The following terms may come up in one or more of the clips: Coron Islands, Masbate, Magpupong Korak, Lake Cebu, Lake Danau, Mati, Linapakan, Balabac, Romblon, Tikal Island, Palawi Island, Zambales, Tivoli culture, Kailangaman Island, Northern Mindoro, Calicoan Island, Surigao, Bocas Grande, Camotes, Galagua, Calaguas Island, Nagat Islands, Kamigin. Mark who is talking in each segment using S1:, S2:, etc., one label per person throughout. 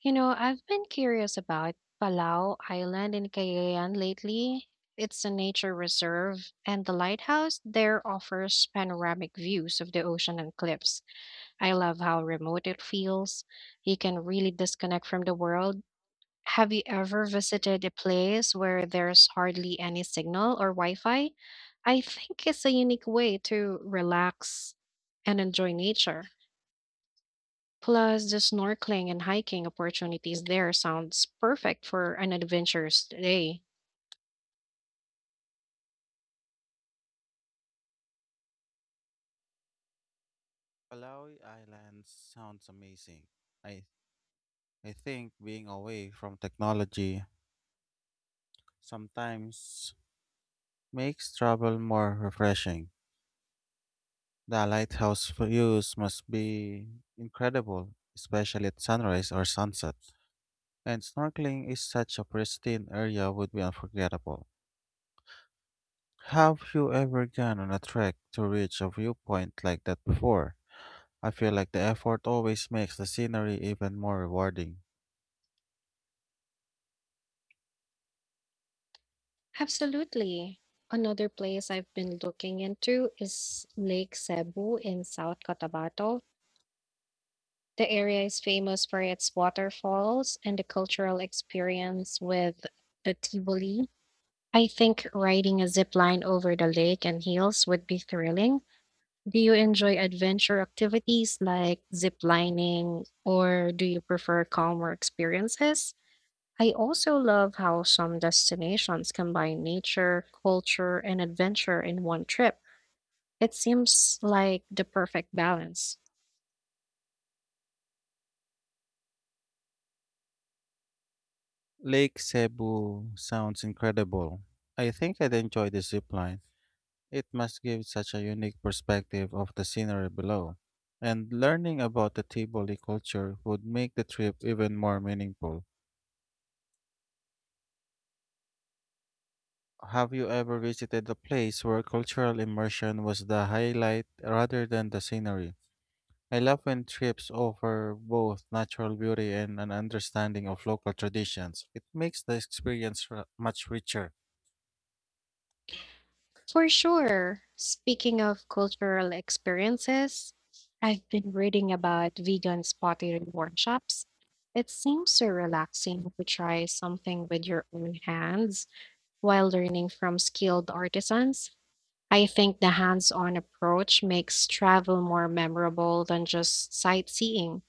S1: You know, I've been curious about Palau Island in Cagayan lately. It's a nature reserve, and the lighthouse there offers panoramic views of the ocean and cliffs. I love how remote it feels. You can really disconnect from the world. Have you ever visited a place where there's hardly any signal or Wi Fi? I think it's a unique way to relax and enjoy nature. Plus, the snorkeling and hiking opportunities there sounds perfect for an adventurous day.
S2: Palawi Island sounds amazing. I I think being away from technology sometimes makes travel more refreshing. The lighthouse views must be incredible, especially at sunrise or sunset. And snorkeling is such a pristine area would be unforgettable. Have you ever gone on a trek to reach a viewpoint like that before? I feel like the effort always makes the scenery even more rewarding.
S1: Absolutely. Another place I've been looking into is Lake Cebu in South Cotabato. The area is famous for its waterfalls and the cultural experience with the Tivoli. I think riding a zip line over the lake and hills would be thrilling. Do you enjoy adventure activities like zip lining, or do you prefer calmer experiences? I also love how some destinations combine nature, culture, and adventure in one trip. It seems like the perfect balance.
S2: Lake Cebu sounds incredible. I think I'd enjoy the zip line. It must give such a unique perspective of the scenery below. And learning about the Tivoli culture would make the trip even more meaningful. Have you ever visited a place where cultural immersion was the highlight rather than the scenery? I love when trips offer both natural beauty and an understanding of local traditions. It makes the experience much richer.
S1: For sure. Speaking of cultural experiences, I've been reading about vegan pottery workshops. It seems so relaxing to try something with your own hands while learning from skilled artisans. I think the hands on approach makes travel more memorable than just sightseeing.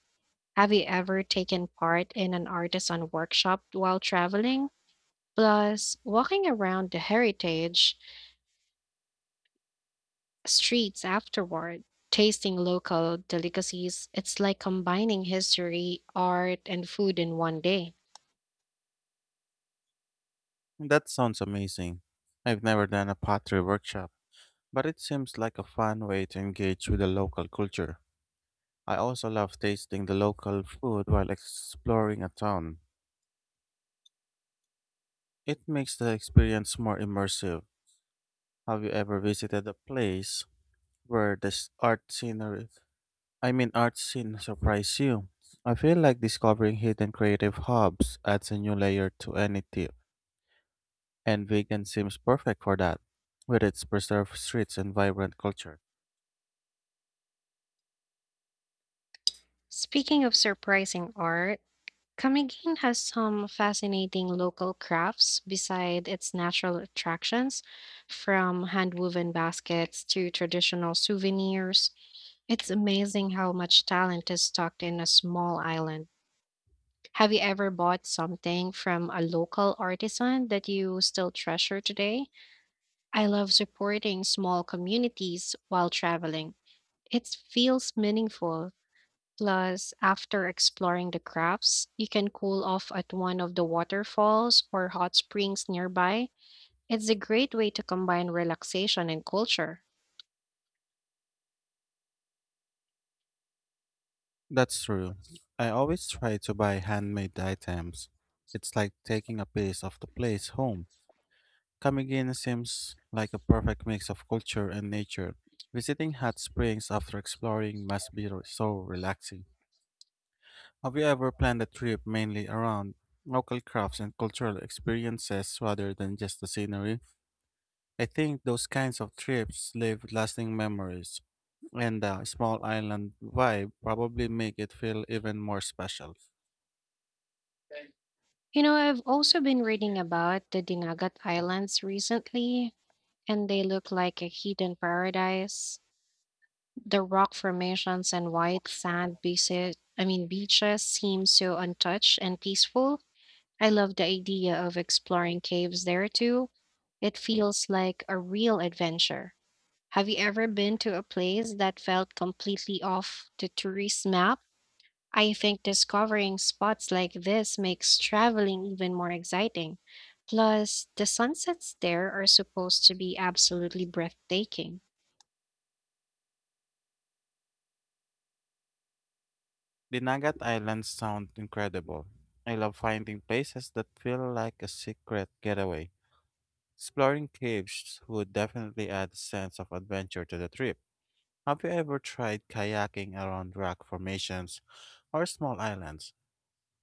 S1: Have you ever taken part in an artisan workshop while traveling? Plus, walking around the heritage streets afterward, tasting local delicacies, it's like combining history, art, and food in one day.
S2: That sounds amazing. I've never done a pottery workshop, but it seems like a fun way to engage with the local culture. I also love tasting the local food while exploring a town. It makes the experience more immersive. Have you ever visited a place where the art scene surprised you? I feel like discovering hidden creative hubs adds a new layer to any tip, and vegan seems perfect for that, with its preserved streets and vibrant culture.
S1: Speaking of surprising art, Camiguin has some fascinating local crafts beside its natural attractions, from hand-woven baskets to traditional souvenirs. It's amazing how much talent is stocked in a small island. Have you ever bought something from a local artisan that you still treasure today? I love supporting small communities while traveling. It feels meaningful. Plus, after exploring the crafts, you can cool off at one of the waterfalls or hot springs nearby. It's a great way to combine relaxation and culture.
S2: That's true. I always try to buy handmade items. It's like taking a piece of the place home. Kamigin seems like a perfect mix of culture and nature. Visiting hot springs after exploring must be so relaxing. Have you ever planned a trip mainly around local crafts and cultural experiences rather than just the scenery? I think those kinds of trips leave lasting memories, and the small island vibe probably make it feel even more special.
S1: You know, I've also been reading about the Dinagat Islands recently, and they look like a hidden paradise. The rock formations and white sand beaches, I mean beaches seem so untouched and peaceful. I love the idea of exploring caves there too. It feels like a real adventure. Have you ever been to a place that felt completely off the tourist map? I think discovering spots like this makes traveling even more exciting. Plus, the sunsets there are supposed to be absolutely breathtaking.
S2: The Nagat Islands sound incredible. I love finding places that feel like a secret getaway. Exploring caves would definitely add a sense of adventure to the trip. Have you ever tried kayaking around rock formations or small islands?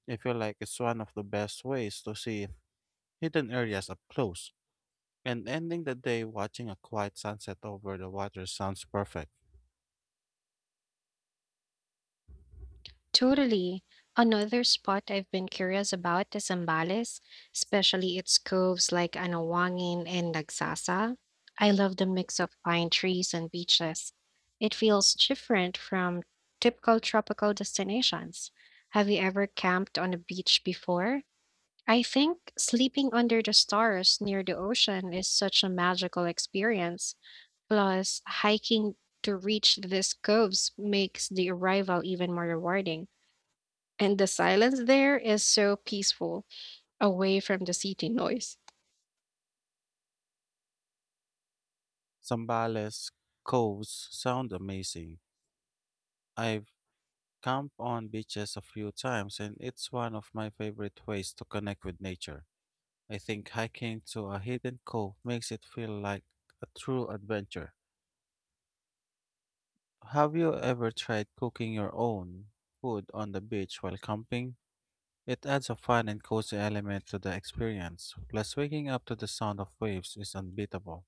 S2: I feel like it's one of the best ways to see hidden areas up close. And ending the day watching a quiet sunset over the water sounds perfect.
S1: Totally. Another spot I've been curious about is Zambales, especially its coves like Anawangin and Nagsasa. I love the mix of pine trees and beaches. It feels different from typical tropical destinations. Have you ever camped on a beach before? I think sleeping under the stars near the ocean is such a magical experience. Plus, hiking to reach these coves makes the arrival even more rewarding. And the silence there is so peaceful, away from the city noise.
S2: Zambales, coves sound amazing. I Camp on beaches a few times, and it's one of my favorite ways to connect with nature. I think hiking to a hidden cove makes it feel like a true adventure. Have you ever tried cooking your own food on the beach while camping? It adds a fun and cozy element to the experience, plus, waking up to the sound of waves is unbeatable.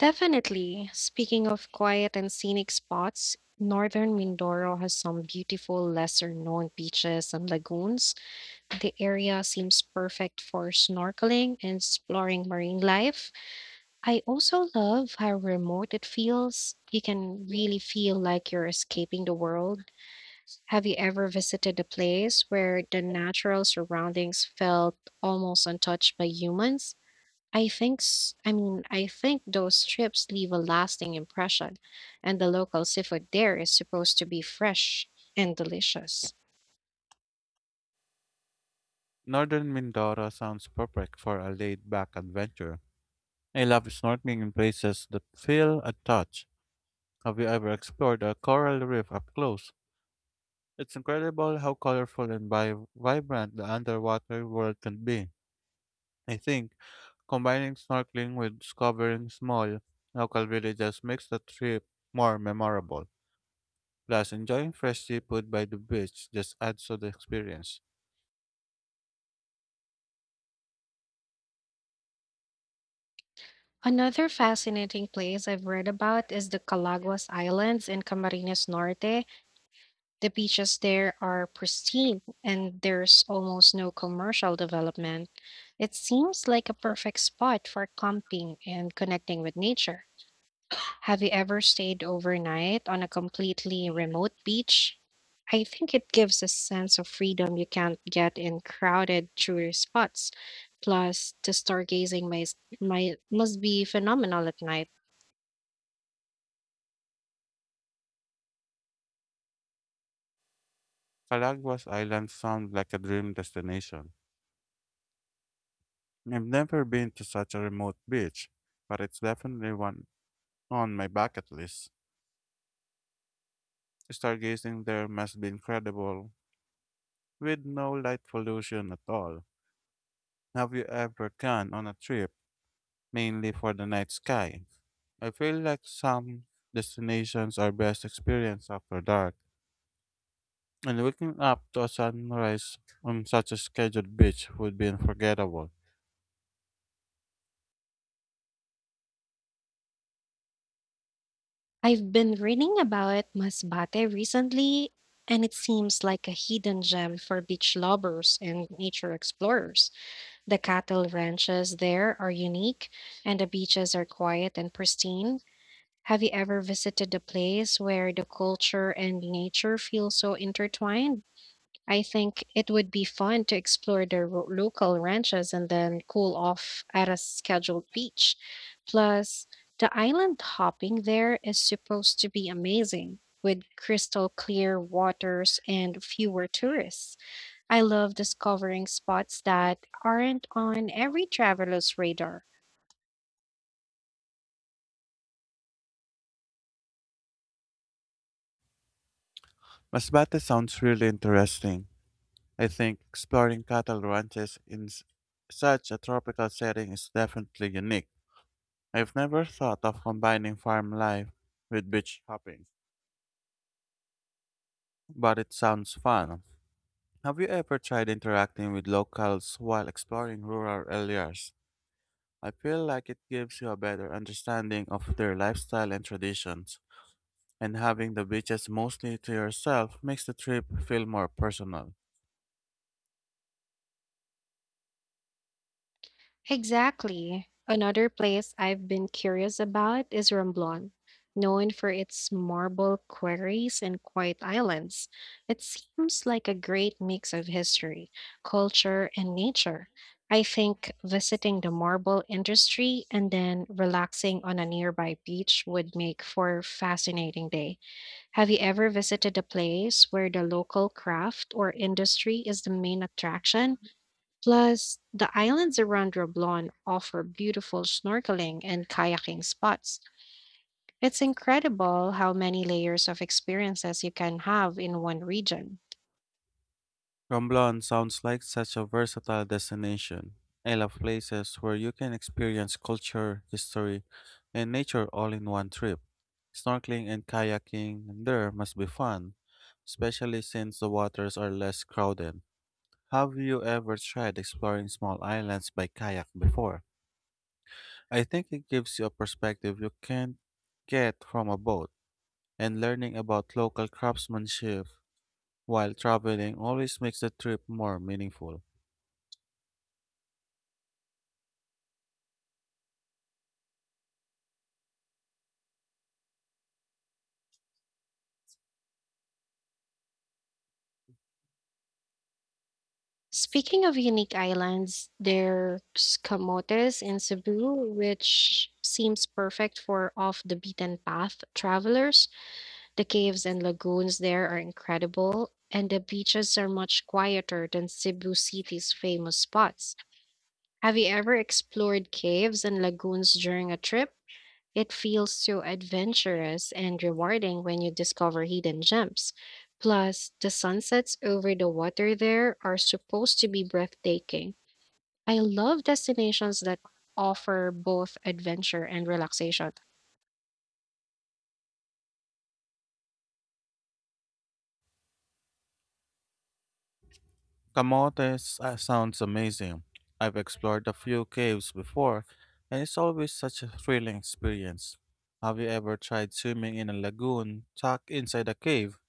S1: Definitely, speaking of quiet and scenic spots, northern Mindoro has some beautiful, lesser known beaches and lagoons. The area seems perfect for snorkeling and exploring marine life. I also love how remote it feels. You can really feel like you're escaping the world. Have you ever visited a place where the natural surroundings felt almost untouched by humans? I think, s- I mean, I think those trips leave a lasting impression, and the local seafood there is supposed to be fresh and delicious.
S2: Northern Mindoro sounds perfect for a laid back adventure. I love snorkeling in places that feel untouched. Have you ever explored a coral reef up close? It's incredible how colorful and vibrant the underwater world can be. I think combining snorkeling with discovering small local villages makes the trip more memorable. Plus, enjoying fresh seafood by the beach just adds to the experience.
S1: Another fascinating place I've read about is the Calaguas Islands in Camarines Norte. The beaches there are pristine and there's almost no commercial development. It seems like a perfect spot for camping and connecting with nature. Have you ever stayed overnight on a completely remote beach? I think it gives a sense of freedom you can't get in crowded tourist spots. Plus, the stargazing may, might must be phenomenal at night.
S2: Calaguas Island sounds like a dream destination. I've never been to such a remote beach, but it's definitely one on my bucket list. Stargazing there must be incredible with no light pollution at all. Have you ever gone on a trip mainly for the night sky? I feel like some destinations are best experienced after dark, and waking up to a sunrise on such a scheduled beach would be unforgettable.
S1: I've been reading about Masbate recently, and it seems like a hidden gem for beach lovers and nature explorers. The cattle ranches there are unique, and the beaches are quiet and pristine. Have you ever visited a place where the culture and nature feel so intertwined? I think it would be fun to explore the local ranches and then cool off at a scheduled beach. Plus, the island hopping there is supposed to be amazing with crystal clear waters and fewer tourists. I love discovering spots that aren't on every traveler's radar.
S2: Masbate sounds really interesting. I think exploring cattle ranches in such a tropical setting is definitely unique. I've never thought of combining farm life with beach hopping, but it sounds fun. Have you ever tried interacting with locals while exploring rural areas? I feel like it gives you a better understanding of their lifestyle and traditions, and having the beaches mostly to yourself makes the trip feel more personal.
S1: Exactly. Another place I've been curious about is Romblon, known for its marble quarries and quiet islands. It seems like a great mix of history, culture, and nature. I think visiting the marble industry and then relaxing on a nearby beach would make for a fascinating day. Have you ever visited a place where the local craft or industry is the main attraction? Plus, the islands around Roblon offer beautiful snorkeling and kayaking spots. It's incredible how many layers of experiences you can have in one region.
S2: Romblon sounds like such a versatile destination. I love places where you can experience culture, history, and nature all in one trip. Snorkeling and kayaking there must be fun, especially since the waters are less crowded. Have you ever tried exploring small islands by kayak before? I think it gives you a perspective you can't get from a boat, and learning about local craftsmanship while traveling always makes the trip more meaningful.
S1: Speaking of unique islands, there's Camotes in Cebu, which seems perfect for off the beaten path travelers. The caves and lagoons there are incredible, and the beaches are much quieter than Cebu City's famous spots. Have you ever explored caves and lagoons during a trip? It feels so adventurous and rewarding when you discover hidden gems. Plus, the sunsets over the water there are supposed to be breathtaking. I love destinations that offer both adventure and relaxation.
S2: Camotes sounds amazing. I've explored a few caves before, and it's always such a thrilling experience. Have you ever tried swimming in a lagoon tucked inside a cave?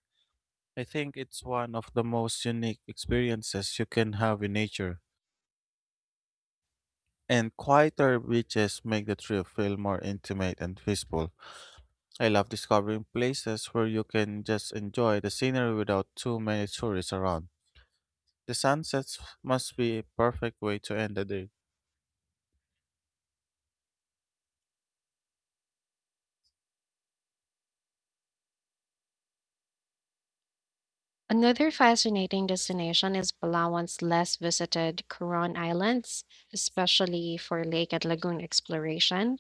S2: I think it's one of the most unique experiences you can have in nature. And quieter beaches make the trip feel more intimate and peaceful. I love discovering places where you can just enjoy the scenery without too many tourists around. The sunsets must be a perfect way to end the day.
S1: Another fascinating destination is Palawan's less visited Coron Islands, especially for lake and lagoon exploration.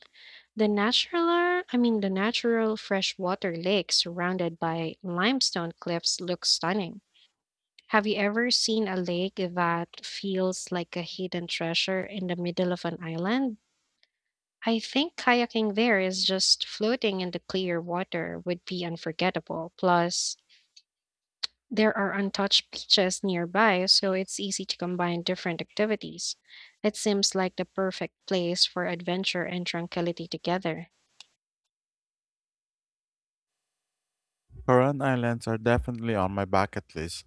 S1: The natural freshwater lake surrounded by limestone cliffs looks stunning. Have you ever seen a lake that feels like a hidden treasure in the middle of an island? I think kayaking there is just floating in the clear water would be unforgettable. Plus, there are untouched beaches nearby, so it's easy to combine different activities. It seems like the perfect place for adventure and tranquility together.
S2: Coron Islands are definitely on my bucket list.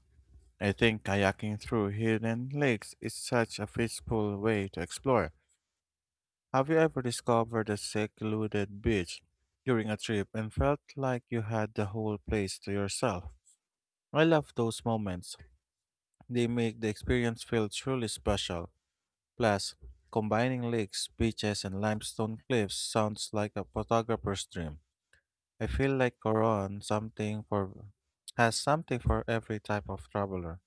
S2: I think kayaking through hidden lakes is such a peaceful way to explore. Have you ever discovered a secluded beach during a trip and felt like you had the whole place to yourself? I love those moments. They make the experience feel truly special. Plus, combining lakes, beaches, and limestone cliffs sounds like a photographer's dream. I feel like Coron something for has something for every type of traveler.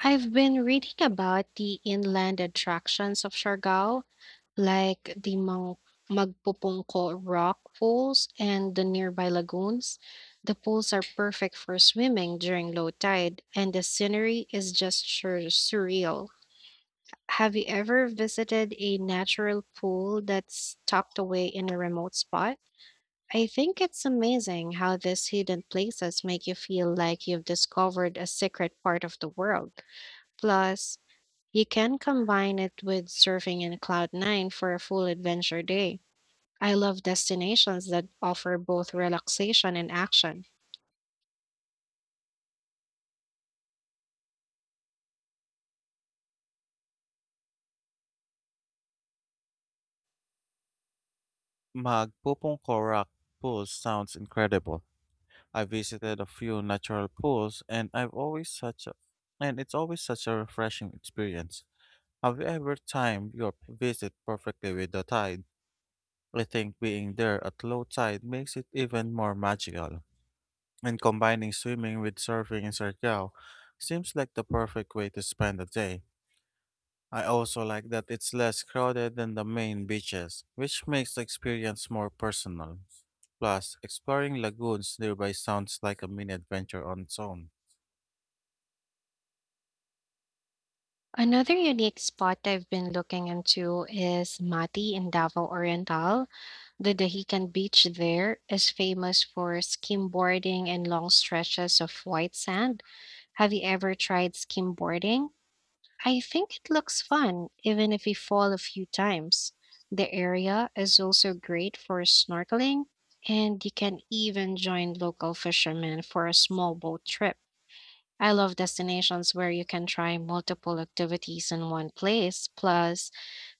S1: I've been reading about the inland attractions of Siargao, like the Magpupungko rock pools and the nearby lagoons. The pools are perfect for swimming during low tide, and the scenery is just surreal. Have you ever visited a natural pool that's tucked away in a remote spot? I think it's amazing how these hidden places make you feel like you've discovered a secret part of the world. Plus, you can combine it with surfing in Cloud 9 for a full adventure day. I love destinations that offer both relaxation and action.
S2: Magpupong Korak pool sounds incredible. I visited a few natural pools and I've always such a, and it's always such a refreshing experience. Have you ever timed your visit perfectly with the tide? I think being there at low tide makes it even more magical. And combining swimming with surfing in Surigao seems like the perfect way to spend a day. I also like that it's less crowded than the main beaches, which makes the experience more personal. Plus, exploring lagoons nearby sounds like a mini adventure on its own.
S1: Another unique spot I've been looking into is Mati in Davao Oriental. The Dahican beach there is famous for skimboarding and long stretches of white sand. Have you ever tried skimboarding? I think it looks fun, even if you fall a few times. The area is also great for snorkeling, and you can even join local fishermen for a small boat trip. I love destinations where you can try multiple activities in one place. Plus,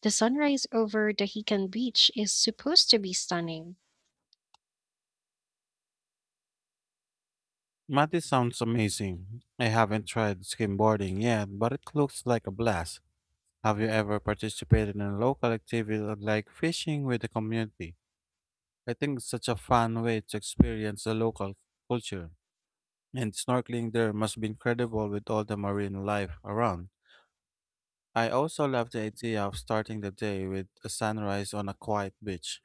S1: the sunrise over Dahican Beach is supposed to be stunning.
S2: Mati sounds amazing. I haven't tried skimboarding yet, but it looks like a blast. Have you ever participated in a local activity like fishing with the community? I think it's such a fun way to experience the local culture. And snorkeling there must be incredible with all the marine life around. I also love the idea of starting the day with a sunrise on a quiet beach.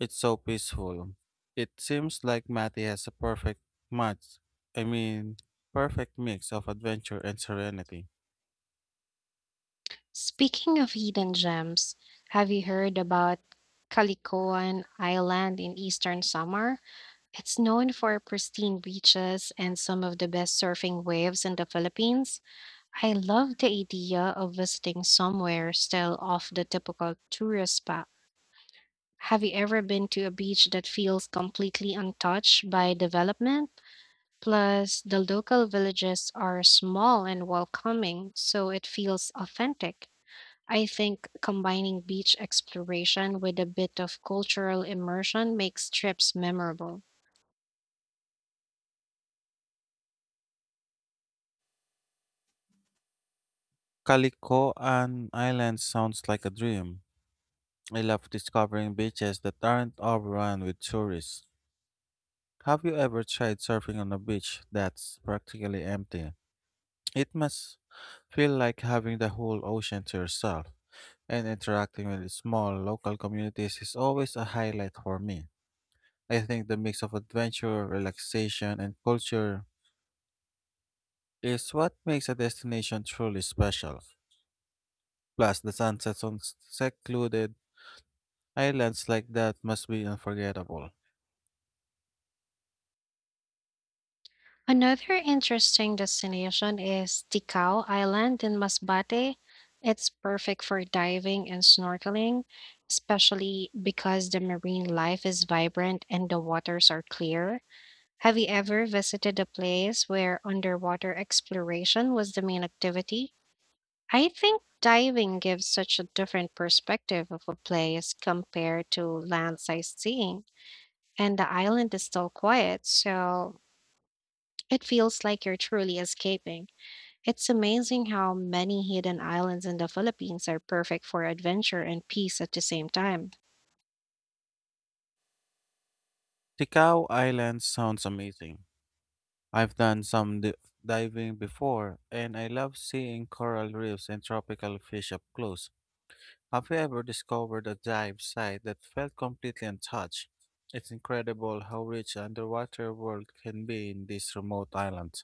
S2: It's so peaceful. It seems like Matty has a perfect match. I mean, perfect mix of adventure and serenity.
S1: Speaking of hidden gems, have you heard about Kalikoan Island in eastern summer? It's known for pristine beaches and some of the best surfing waves in the Philippines. I love the idea of visiting somewhere still off the typical tourist spot. Have you ever been to a beach that feels completely untouched by development? Plus, the local villages are small and welcoming, so it feels authentic. I think combining beach exploration with a bit of cultural immersion makes trips memorable.
S2: Calicoan Island sounds like a dream. I love discovering beaches that aren't overrun with tourists. Have you ever tried surfing on a beach that's practically empty? It must feel like having the whole ocean to yourself, and interacting with small local communities is always a highlight for me. I think the mix of adventure, relaxation, and culture is what makes a destination truly special. Plus, the sunsets on secluded islands like that must be unforgettable.
S1: Another interesting destination is Tikal Island in Masbate. It's perfect for diving and snorkeling, especially because the marine life is vibrant and the waters are clear. Have you ever visited a place where underwater exploration was the main activity? I think diving gives such a different perspective of a place compared to land sightseeing, and the island is still quiet, so it feels like you're truly escaping. It's amazing how many hidden islands in the Philippines are perfect for adventure and peace at the same time.
S2: Tikal Island sounds amazing. I've done some diving before, and I love seeing coral reefs and tropical fish up close. Have you ever discovered a dive site that felt completely untouched? It's incredible how rich underwater world can be in these remote islands.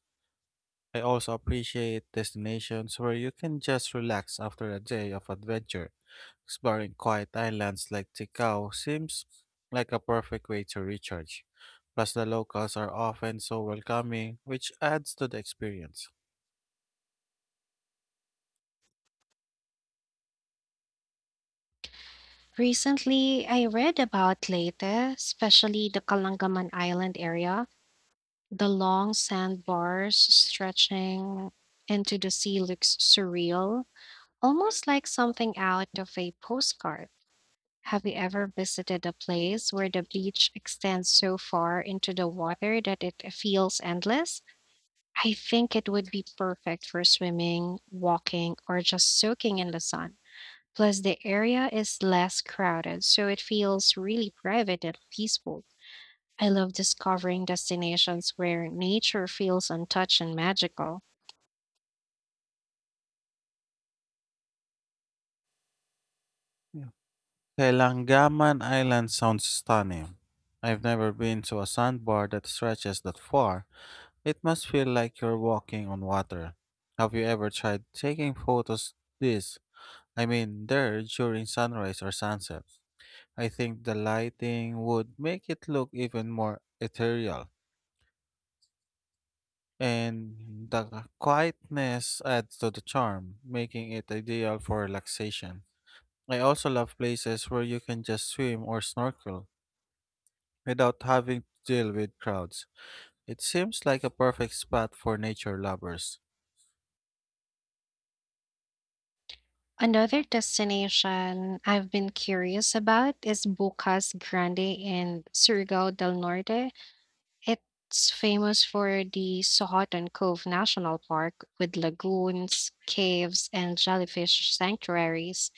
S2: I also appreciate destinations where you can just relax after a day of adventure. Exploring quiet islands like Tikal seems like a perfect way to recharge. Plus, the locals are often so welcoming, which adds to the experience.
S1: Recently, I read about Leyte, especially the Kalangaman Island area. The long sandbars stretching into the sea looks surreal, almost like something out of a postcard. Have you ever visited a place where the beach extends so far into the water that it feels endless? I think it would be perfect for swimming, walking, or just soaking in the sun. Plus, the area is less crowded, so it feels really private and peaceful. I love discovering destinations where nature feels untouched and magical.
S2: Yeah. Kailangaman Island sounds stunning. I've never been to a sandbar that stretches that far. It must feel like you're walking on water. Have you ever tried taking photos this there during sunrise or sunset? I think the lighting would make it look even more ethereal, and the quietness adds to the charm, making it ideal for relaxation. I also love places where you can just swim or snorkel without having to deal with crowds. It seems like a perfect spot for nature lovers.
S1: Another destination I've been curious about is Bocas Grande in Surigao del Norte. It's famous for the Sohotan Cove National Park with lagoons, caves, and jellyfish sanctuaries.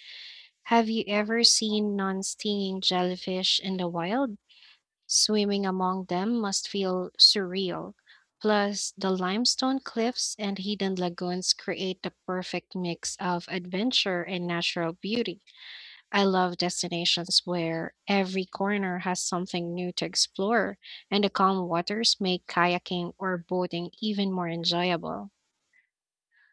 S1: Have you ever seen non-stinging jellyfish in the wild? Swimming among them must feel surreal. Plus, the limestone cliffs and hidden lagoons create the perfect mix of adventure and natural beauty. I love destinations where every corner has something new to explore, and the calm waters make kayaking or boating even more enjoyable.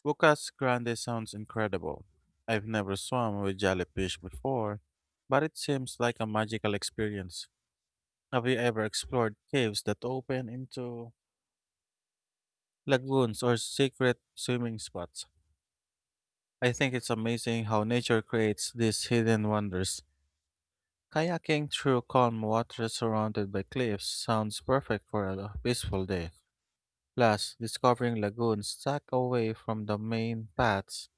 S2: Bocas Grande sounds incredible. I've never swum with jellyfish before, but it seems like a magical experience. Have you ever explored caves that open into lagoons or secret swimming spots? I think it's amazing how nature creates these hidden wonders. Kayaking through calm water surrounded by cliffs sounds perfect for a peaceful day. Plus, discovering lagoons tucked away from the main paths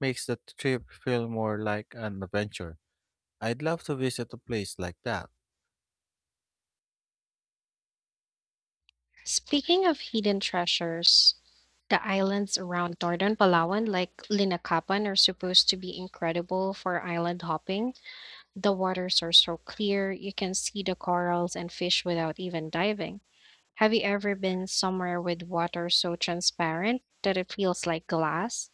S2: makes the trip feel more like an adventure. I'd love to visit a place like that.
S1: Speaking of hidden treasures, the islands around northern Palawan, like Linakapan, are supposed to be incredible for island hopping. The waters are so clear, you can see the corals and fish without even diving. Have you ever been somewhere with water so transparent that it feels like glass?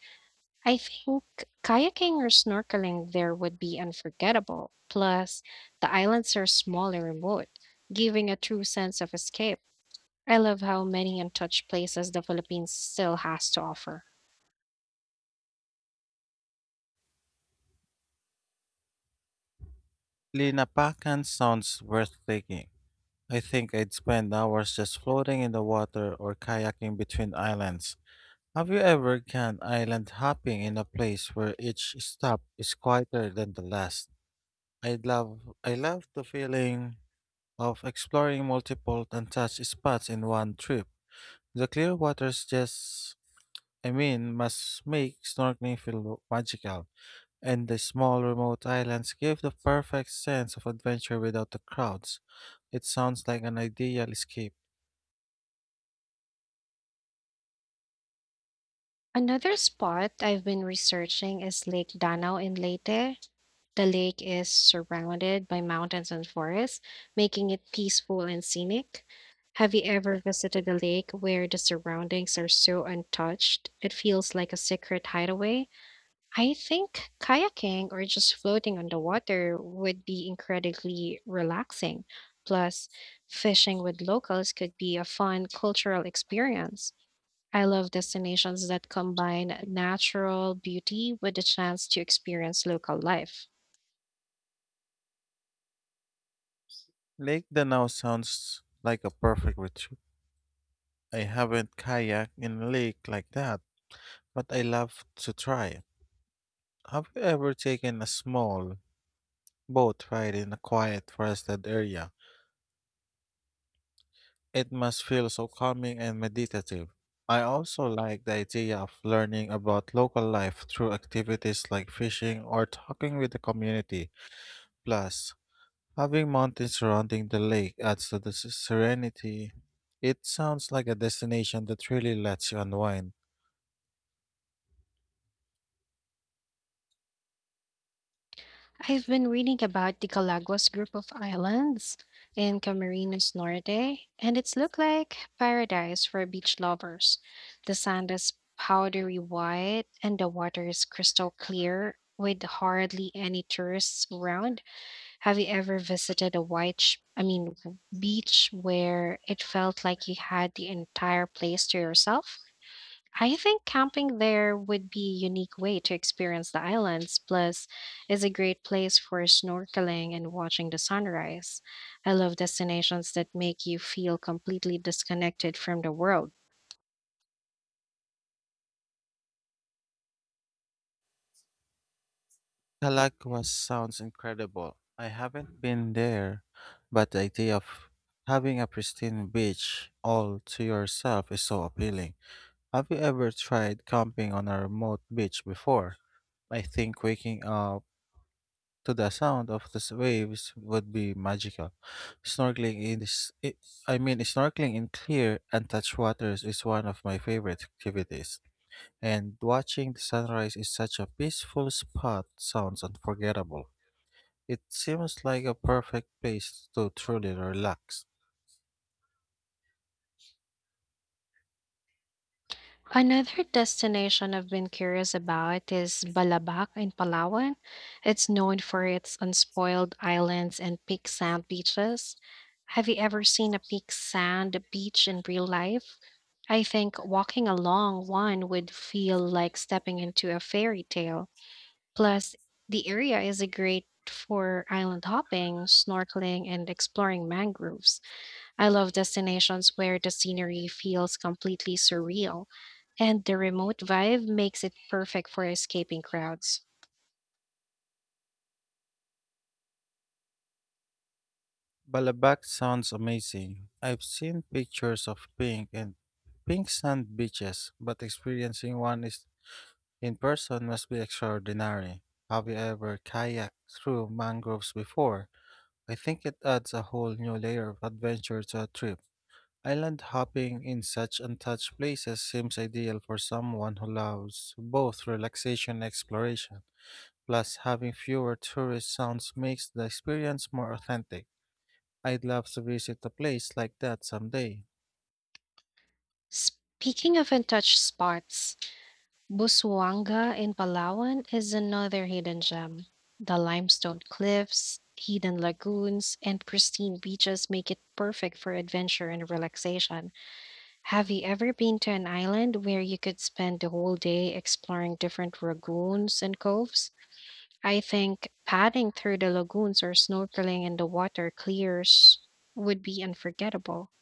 S1: I think kayaking or snorkeling there would be unforgettable. Plus, the islands are small and remote, giving a true sense of escape. I love how many untouched places the Philippines still has to offer.
S2: Linapakan sounds worth taking. I think I'd spend hours just floating in the water or kayaking between islands. Have you ever gone island hopping in a place where each stop is quieter than the last? I love the feeling of exploring multiple untouched spots in one trip. The clear waters just I mean must make snorkeling feel magical. And the small remote islands give the perfect sense of adventure without the crowds. It sounds like an ideal escape.
S1: Another spot I've been researching is Lake Danau in Leyte. The lake is surrounded by mountains and forests, making it peaceful and scenic. Have you ever visited a lake where the surroundings are so untouched? It feels like a secret hideaway. I think kayaking or just floating on the water would be incredibly relaxing. Plus, fishing with locals could be a fun cultural experience. I love destinations that combine natural beauty with the chance to experience local life.
S2: Lake Danau sounds like a perfect retreat. I haven't kayaked in a lake like that, but I love to try. Have you ever taken a small boat ride in a quiet forested area? It must feel so calming and meditative. I also like the idea of learning about local life through activities like fishing or talking with the community. Plus, having mountains surrounding the lake adds to the serenity. It sounds like a destination that really lets you unwind.
S1: I've been reading about the Galagos group of islands in Camarines Norte, and it's looked like paradise for beach lovers. The sand is powdery white and the water is crystal clear with hardly any tourists around. Have you ever visited a white, sh- I mean, beach where it felt like you had the entire place to yourself? I think camping there would be a unique way to experience the islands, plus is a great place for snorkeling and watching the sunrise. I love destinations that make you feel completely disconnected from the world.
S2: Galagua sounds incredible. I haven't been there, but the idea of having a pristine beach all to yourself is so appealing. Have you ever tried camping on a remote beach before? I think waking up to the sound of the waves would be magical. Snorkeling in s- I mean snorkeling in clear untouched waters is one of my favorite activities. And watching the sunrise is such a peaceful spot sounds unforgettable. It seems like a perfect place to truly relax.
S1: Another destination I've been curious about is Balabac in Palawan. It's known for its unspoiled islands and pink sand beaches. Have you ever seen a pink sand beach in real life? I think walking along one would feel like stepping into a fairy tale. Plus, the area is a great for island hopping, snorkeling, and exploring mangroves. I love destinations where the scenery feels completely surreal, and the remote vibe makes it perfect for escaping crowds.
S2: Balabac sounds amazing. I've seen pictures of pink sand beaches, but experiencing one is in person must be extraordinary. Have you ever kayaked through mangroves before? I think it adds a whole new layer of adventure to a trip. Island hopping in such untouched places seems ideal for someone who loves both relaxation and exploration. Plus, having fewer tourist sounds makes the experience more authentic. I'd love to visit a place like that someday.
S1: Speaking of untouched spots, Busuanga in Palawan is another hidden gem. The limestone cliffs, hidden lagoons, and pristine beaches make it perfect for adventure and relaxation. Have you ever been to an island where you could spend the whole day exploring different lagoons and coves? I think padding through the lagoons or snorkeling in the water clears would be unforgettable.